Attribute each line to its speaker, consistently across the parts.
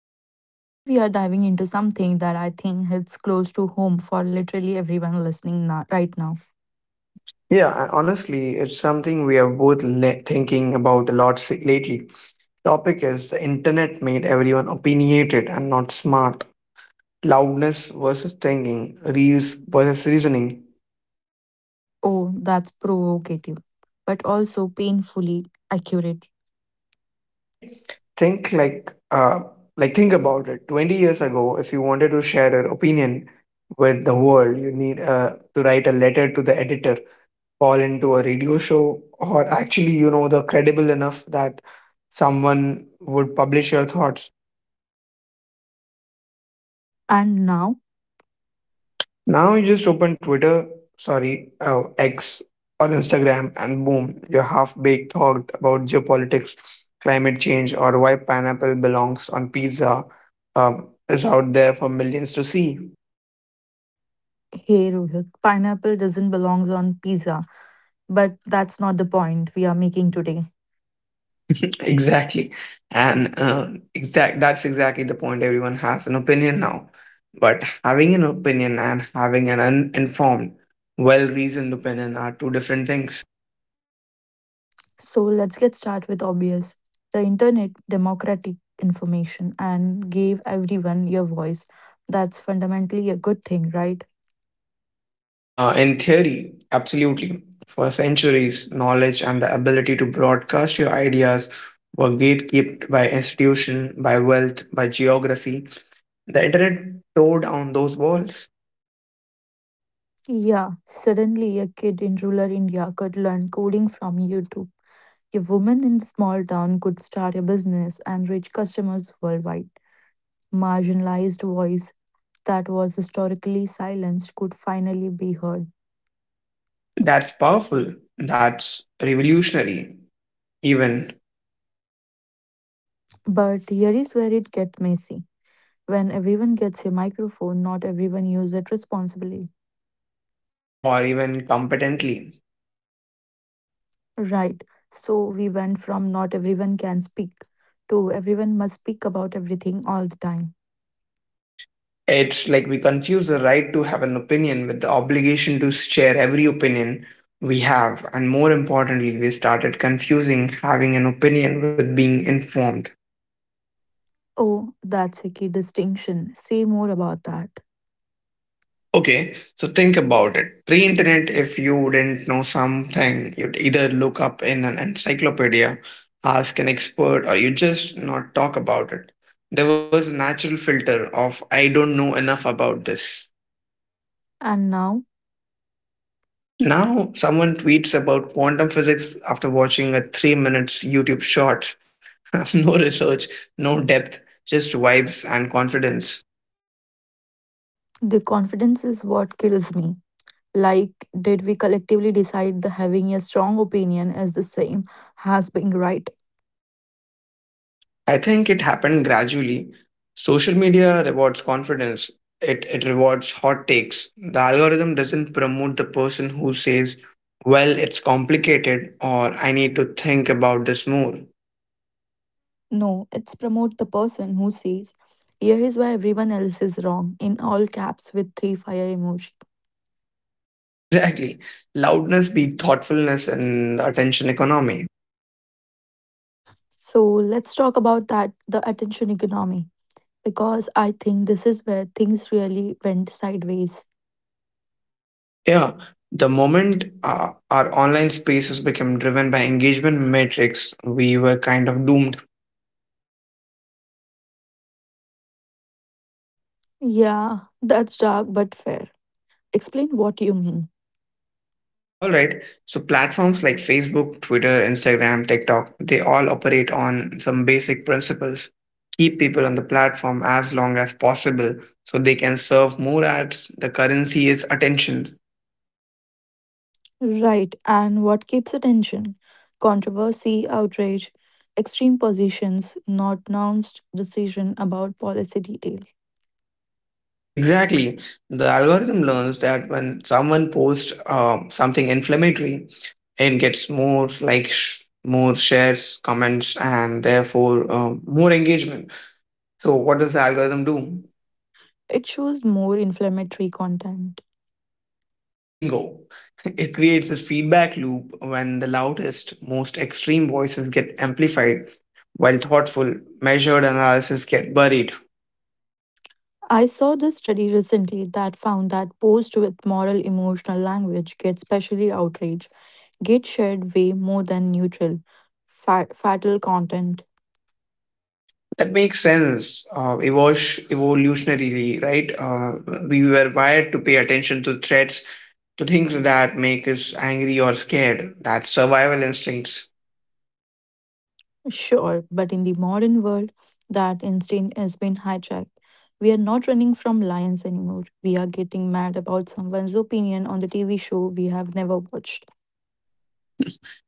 Speaker 1: Ruchita. Today we are diving into something that I think hits close to home for literally everyone listening right now.
Speaker 2: Yeah, and honestly, it's something we are both thinking about a lot lately. Topic is the internet made everyone opinionated and not smart. Loudness versus thinking, reels versus reasoning.
Speaker 1: Oh, that's provocative, but also painfully accurate.
Speaker 2: Right? Think like think about it. 20 years ago, if you wanted to share your opinion with the world, you need to write a letter to the editor, fall into a radio show, or actually the credible enough that someone would publish your thoughts.
Speaker 1: And now,
Speaker 2: Now you just open Twitter, sorry, X, or Instagram, and boom, your half-baked thought about geopolitics, climate change, or why pineapple belongs on pizza is out there for millions to see.
Speaker 1: hey Rohit, pineapple doesn't belong on pizza, but that's not the point we are making today.
Speaker 2: Exactly. And exact that's exactly the point. Everyone has an opinion now. But having an opinion and having an uninformed, well-reasoned opinion are two different things.
Speaker 1: So let's get started with obvious. The internet democratic information and gave everyone your voice. That's fundamentally a good thing, right?
Speaker 2: In theory, absolutely. For centuries, knowledge and the ability to broadcast your ideas were gatekept by institution, by wealth, by geography. The internet tore down those walls.
Speaker 1: Yeah, suddenly a kid in rural India could learn coding from YouTube. A woman in a small town could start a business and reach customers worldwide. Marginalized voice that was historically silenced could finally be heard.
Speaker 2: That's powerful. That's revolutionary, even.
Speaker 1: But here is where it gets messy. When everyone gets a microphone, not everyone uses it responsibly.
Speaker 2: Or even competently.
Speaker 1: Right. So we went from not everyone can speak to everyone must speak about everything all the time.
Speaker 2: It's like we confuse the right to have an opinion with the obligation to share every opinion we have, and more importantly, we started confusing having an opinion with being informed.
Speaker 1: Oh, that's a key distinction. Say more about that.
Speaker 2: Okay, so think about it. Pre internet, if you didn't know something, you'd either look up in an encyclopedia, ask an expert, or you just not talk about it. There was a natural filter of, I don't know enough about this.
Speaker 1: And now,
Speaker 2: Now, someone tweets about quantum physics after watching a 3 minutes YouTube short. No research, no depth, just vibes and confidence.
Speaker 1: the confidence is what kills me. Like, did we collectively decide that having a strong opinion is the same as being right?
Speaker 2: I think it happened gradually. Social media rewards confidence, it rewards hot takes. The algorithm doesn't promote the person who says, well, it's complicated, or I need to think about this more.
Speaker 1: No, it's promote the person who says, here is why everyone else is wrong, in all caps with three fire emoji.
Speaker 2: Exactly. Loudness beat thoughtfulness in the attention economy.
Speaker 1: So let's talk about that, the attention economy, because I think this is where things really went sideways.
Speaker 2: Yeah, the moment our online spaces became driven by engagement metrics, we were kind of doomed.
Speaker 1: Yeah, that's dark but fair. Explain what you mean.
Speaker 2: All right, so platforms like Facebook, Twitter, Instagram, TikTok, they all operate on some basic principles. Keep people on the platform as long as possible so they can serve more ads. The currency is attention.
Speaker 1: Right, and what keeps attention? Controversy, outrage, extreme positions, not announced decision about policy detail.
Speaker 2: Exactly. The algorithm learns that when someone posts something inflammatory, it gets more likes, more shares, comments, and therefore more engagement. So, what does the algorithm do?
Speaker 1: It shows more inflammatory content.
Speaker 2: Bingo. It creates this feedback loop when the loudest, most extreme voices get amplified, while thoughtful, measured analysis get buried.
Speaker 1: I saw this study recently that found that posts with moral emotional language get specially outrage, get shared way more than neutral, fatal content.
Speaker 2: That makes sense, evolutionarily, right? We were wired to pay attention to threats, to things that make us angry or scared. That's survival instincts.
Speaker 1: Sure, but in the modern world, that instinct has been hijacked. We are not running from lions anymore. We are getting mad about someone's opinion on the TV show we have never watched.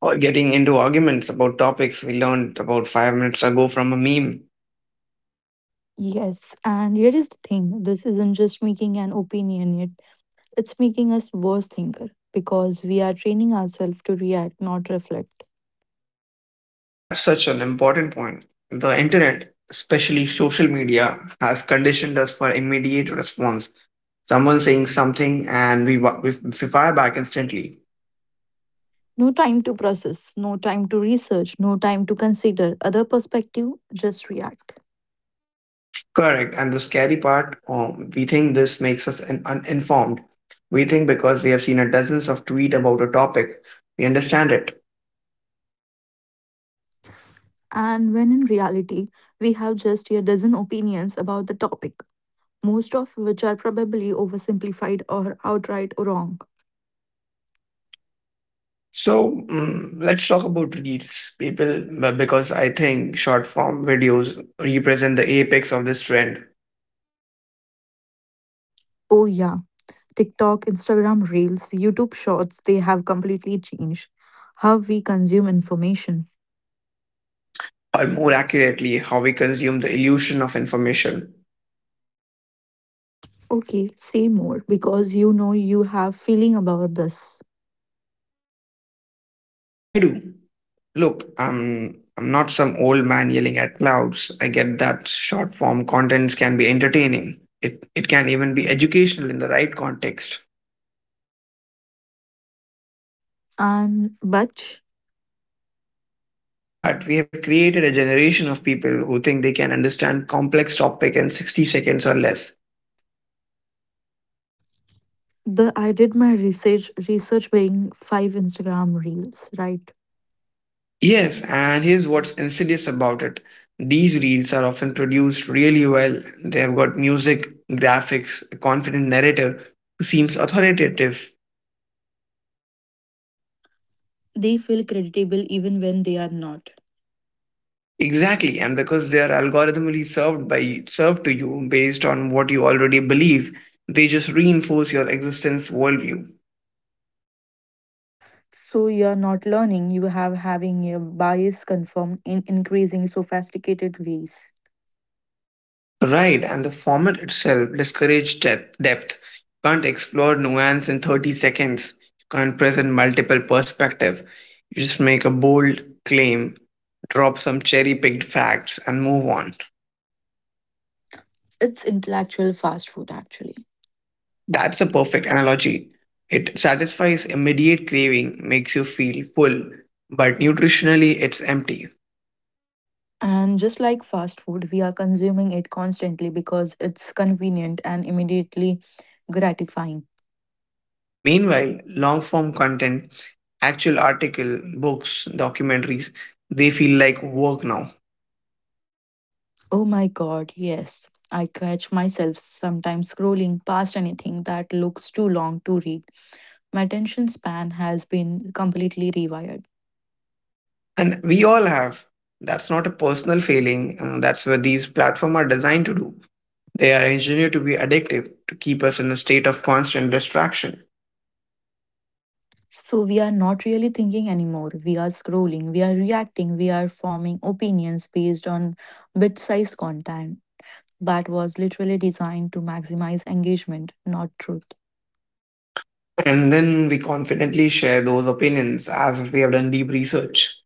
Speaker 2: Or getting into arguments about topics we learned about 5 minutes ago from a meme.
Speaker 1: Yes, and here is the thing this isn't just making an opinion yet, it's making us worse thinker because we are training ourselves to react, not reflect.
Speaker 2: That's such an important point. The internet, especially social media, has conditioned us for immediate response. Someone saying something, and we fire back instantly.
Speaker 1: No time to process, no time to research, no time to consider other perspective, just react.
Speaker 2: Correct. And the scary part, we think this makes us uninformed. We think because we have seen a dozens of tweet about a topic, we understand it.
Speaker 1: And when in reality, we have just a dozen opinions about the topic, most of which are probably oversimplified or outright wrong.
Speaker 2: So let's talk about reels, people, because I think short form videos represent the apex of this trend,
Speaker 1: Oh, yeah, TikTok, Instagram Reels, YouTube Shorts, they have completely changed how we consume information.
Speaker 2: or more accurately, how we consume the illusion of information.
Speaker 1: Okay, say more because you know you have feeling about this.
Speaker 2: I do. Look, I'm not some old man yelling at clouds. I get that short form contents can be entertaining. It can even be educational in the right context.
Speaker 1: And but
Speaker 2: But we have created a generation of people who think they can understand complex topic in 60 seconds or less.
Speaker 1: the I did my research being five Instagram Reels, right?
Speaker 2: Yes, and here's what's insidious about it. These reels are often produced really well. They have got music, graphics, a confident narrator who seems authoritative.
Speaker 1: They feel creditable even when they are not.
Speaker 2: Exactly, and because they are algorithmically served to you based on what you already believe, they just reinforce your existence worldview.
Speaker 1: So you're not learning, you have having your bias confirmed in increasing sophisticated ways.
Speaker 2: Right, and the format itself discourages depth. You can't explore nuance in 30 seconds. You can't present multiple perspective. You just make a bold claim, drop some cherry-picked facts, and move on.
Speaker 1: It's intellectual fast food, actually.
Speaker 2: That's a perfect analogy. It satisfies immediate craving, makes you feel full, but nutritionally it's empty.
Speaker 1: And just like fast food, we are consuming it constantly because it's convenient and immediately gratifying.
Speaker 2: Meanwhile, long form content, actual article, books, documentaries, they feel like work now.
Speaker 1: Oh my god, yes. I catch myself sometimes scrolling past anything that looks too long to read. My attention span has been completely rewired.
Speaker 2: And we all have. That's not a personal failing. That's what these platforms are designed to do. They are engineered to be addictive, to keep us in a state of constant distraction.
Speaker 1: So we are not really thinking anymore. We are scrolling, we are reacting, we are forming opinions based on bit size content that was literally designed to maximize engagement, not truth.
Speaker 2: And then we confidently share those opinions as if we have done deep research.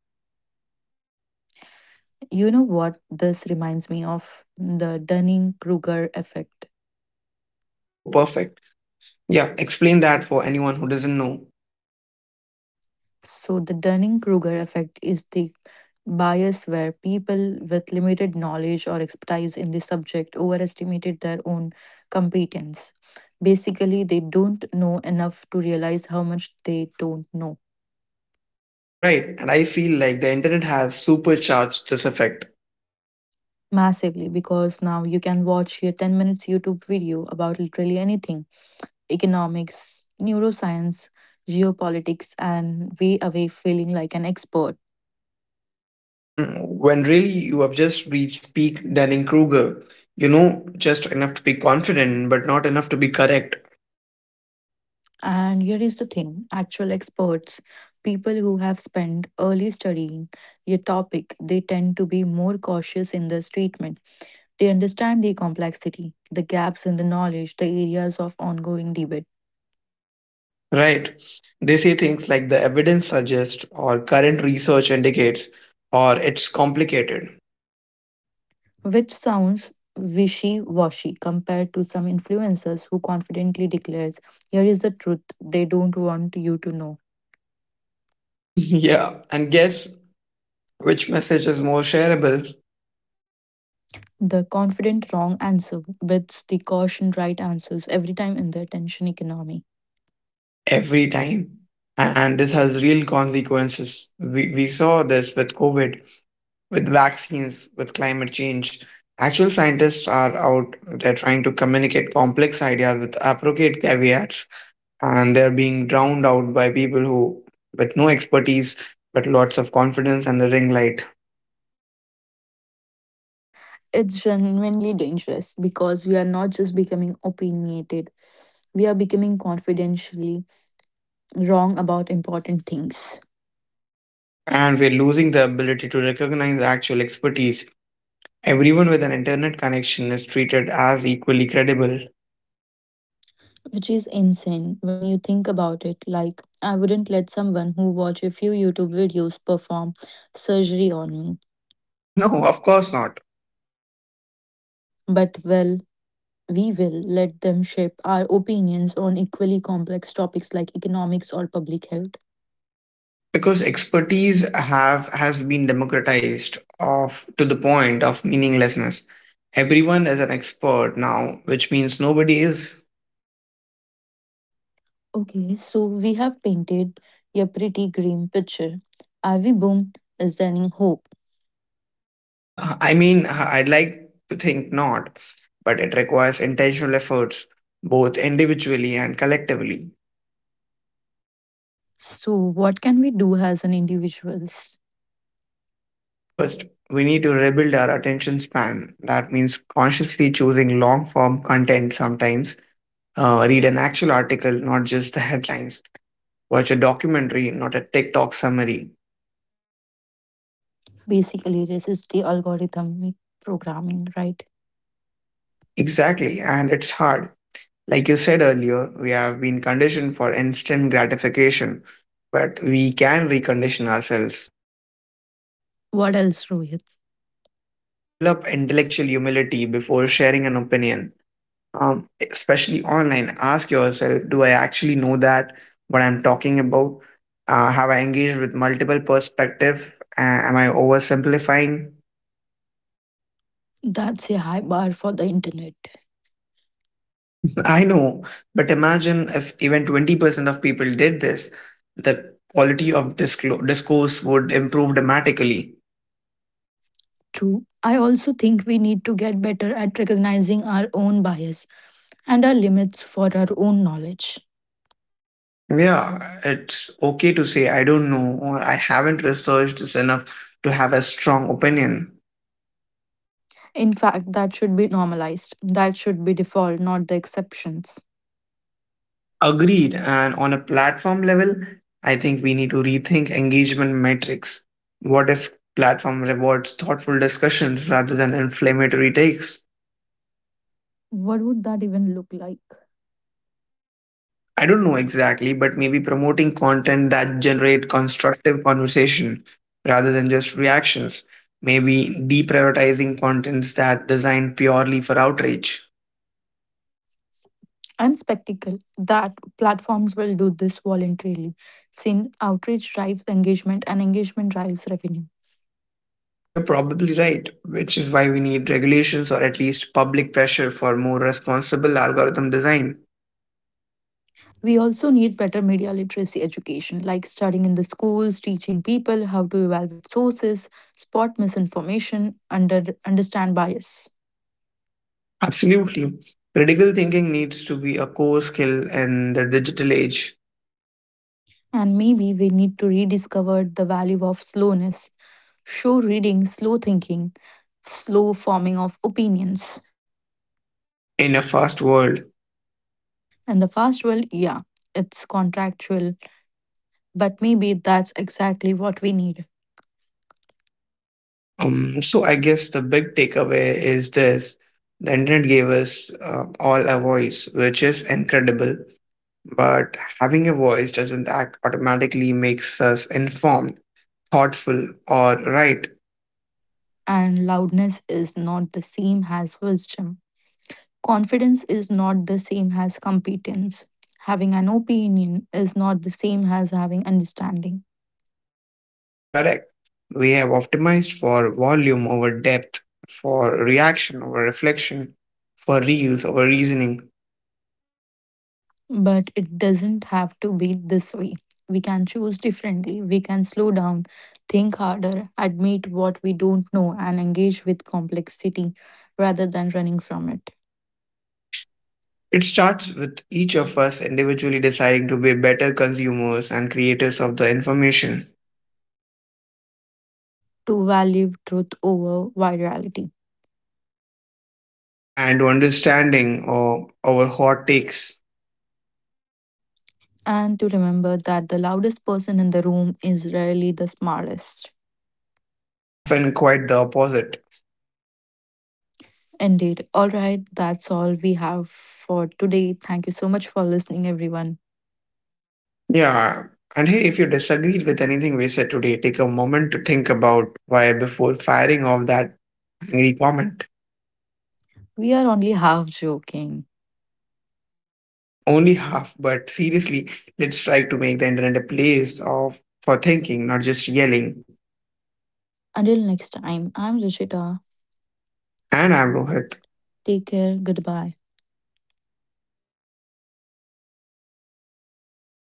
Speaker 1: You know what this reminds me of? The Dunning Kruger effect.
Speaker 2: Oh, perfect. Yeah, explain that for anyone who doesn't know.
Speaker 1: So, the Dunning Kruger effect is the bias where people with limited knowledge or expertise in the subject overestimated their own competence. Basically, they don't know enough to realize how much they don't know
Speaker 2: Right, and I feel like the internet has supercharged this effect.
Speaker 1: massively because now you can watch a 10 minutes YouTube video about literally anything economics, neuroscience, geopolitics, and way away feeling like an expert.
Speaker 2: When really you have just reached peak Dunning Kruger, just enough to be confident, but not enough to be correct.
Speaker 1: And here is the thing actual experts, people who have spent early studying your topic, they tend to be more cautious in this treatment. They understand the complexity, the gaps in the knowledge, the areas of ongoing debate,
Speaker 2: Right. They say things like the evidence suggests, or current research indicates, or it's complicated.
Speaker 1: which sounds wishy washy compared to some influencers who confidently declares, here is the truth they don't want you to know.
Speaker 2: Yeah, and guess which message is more shareable
Speaker 1: The confident wrong answer beats the caution right answers every time in the attention economy.
Speaker 2: every time. And this has real consequences. We saw this with COVID, with vaccines, with climate change. Actual scientists are out, they're trying to communicate complex ideas with appropriate caveats, and they're being drowned out by people who, with no expertise, but lots of confidence and the ring light.
Speaker 1: It's genuinely dangerous because we are not just becoming opinionated, we are becoming confidentially wrong about important things,
Speaker 2: And we're losing the ability to recognize actual expertise. Everyone with an internet connection is treated as equally credible.
Speaker 1: which is insane when you think about it. Like, I wouldn't let someone who watch a few YouTube videos perform surgery on me,
Speaker 2: No, of course not.
Speaker 1: but well, we will let them shape our opinions on equally complex topics like economics or public health.
Speaker 2: Because expertise have has been democratized of to the point of meaninglessness. Everyone is an expert now, which means nobody is.
Speaker 1: Okay, so we have painted a pretty grim picture. Ivy Boom is sending hope.
Speaker 2: I mean, I'd like to think not, but it requires intentional efforts, both individually and collectively.
Speaker 1: So, what can we do as an individuals?
Speaker 2: First, we need to rebuild our attention span. That means consciously choosing long form content sometimes. Read an actual article, not just the headlines. Watch a documentary, not a TikTok summary.
Speaker 1: Basically, resist the algorithmic programming, right?
Speaker 2: Exactly, and it's hard. Like you said earlier, we have been conditioned for instant gratification, but we can recondition ourselves.
Speaker 1: What else, Rohit?
Speaker 2: Develop intellectual humility before sharing an opinion, especially online. Ask yourself, do I actually know that what I'm talking about? Have I engaged with multiple perspectives? Am I oversimplifying?
Speaker 1: That's a high bar for the internet.
Speaker 2: I know, but imagine if even 20% of people did this, the quality of discourse would improve dramatically.
Speaker 1: True. I also think we need to get better at recognizing our own bias and our limits for our own knowledge.
Speaker 2: Yeah, it's okay to say I don't know or I haven't researched this enough to have a strong opinion.
Speaker 1: In fact, that should be normalized. That should be default, not the exceptions.
Speaker 2: Agreed, and on a platform level, I think we need to rethink engagement metrics. What if platform rewards thoughtful discussions rather than inflammatory takes?
Speaker 1: What would that even look like?
Speaker 2: I don't know exactly, but maybe promoting content that generate constructive conversation rather than just reactions. Maybe deprioritizing contents that designed purely for outrage.
Speaker 1: And spectacle that platforms will do this voluntarily since outreach drives engagement and engagement drives revenue
Speaker 2: You're probably right, which is why we need regulations or at least public pressure for more responsible algorithm design.
Speaker 1: we also need better media literacy education like studying in the schools teaching people how to evaluate sources spot misinformation understand bias
Speaker 2: Absolutely. Critical thinking needs to be a core skill in the digital age
Speaker 1: and maybe we need to rediscover the value of slowness show reading slow thinking slow forming of opinions
Speaker 2: in a fast world.
Speaker 1: and the fast world, yeah, it's contractual. But maybe that's exactly what we need.
Speaker 2: So I guess the big takeaway is this. The internet gave us all a voice, which is incredible. But having a voice doesn't act automatically makes us informed, thoughtful, or right.
Speaker 1: And loudness is not the same as wisdom. Confidence is not the same as competence. Having an opinion is not the same as having understanding.
Speaker 2: Correct. We have optimized for volume over depth, for reaction over reflection, for reels over reasoning.
Speaker 1: But it doesn't have to be this way. We can choose differently. We can slow down, think harder, admit what we don't know, and engage with complexity rather than running from it.
Speaker 2: It starts with each of us individually deciding to be better consumers and creators of the information.
Speaker 1: To value truth over virality.
Speaker 2: And understanding or our hot takes
Speaker 1: And to remember that the loudest person in the room is rarely the smartest.
Speaker 2: often quite the opposite.
Speaker 1: Indeed. All right, that's all we have for today. Thank you so much for listening, everyone.
Speaker 2: Yeah. And hey, if you disagreed with anything we said today, take a moment to think about why before firing off that angry comment.
Speaker 1: We are only half joking.
Speaker 2: Only half, but seriously, let's try to make the internet a place of for thinking, not just yelling.
Speaker 1: Until next time, I'm Rishita.
Speaker 2: And I'm Rohit.
Speaker 1: Take care. Goodbye.